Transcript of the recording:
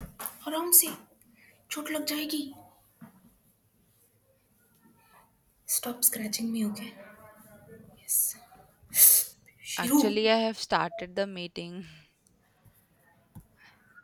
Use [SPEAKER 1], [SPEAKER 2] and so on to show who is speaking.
[SPEAKER 1] आराम से, चोट लग जाएगी। Stop scratching me. ओके, शुरू।
[SPEAKER 2] Actually, I have started the meeting.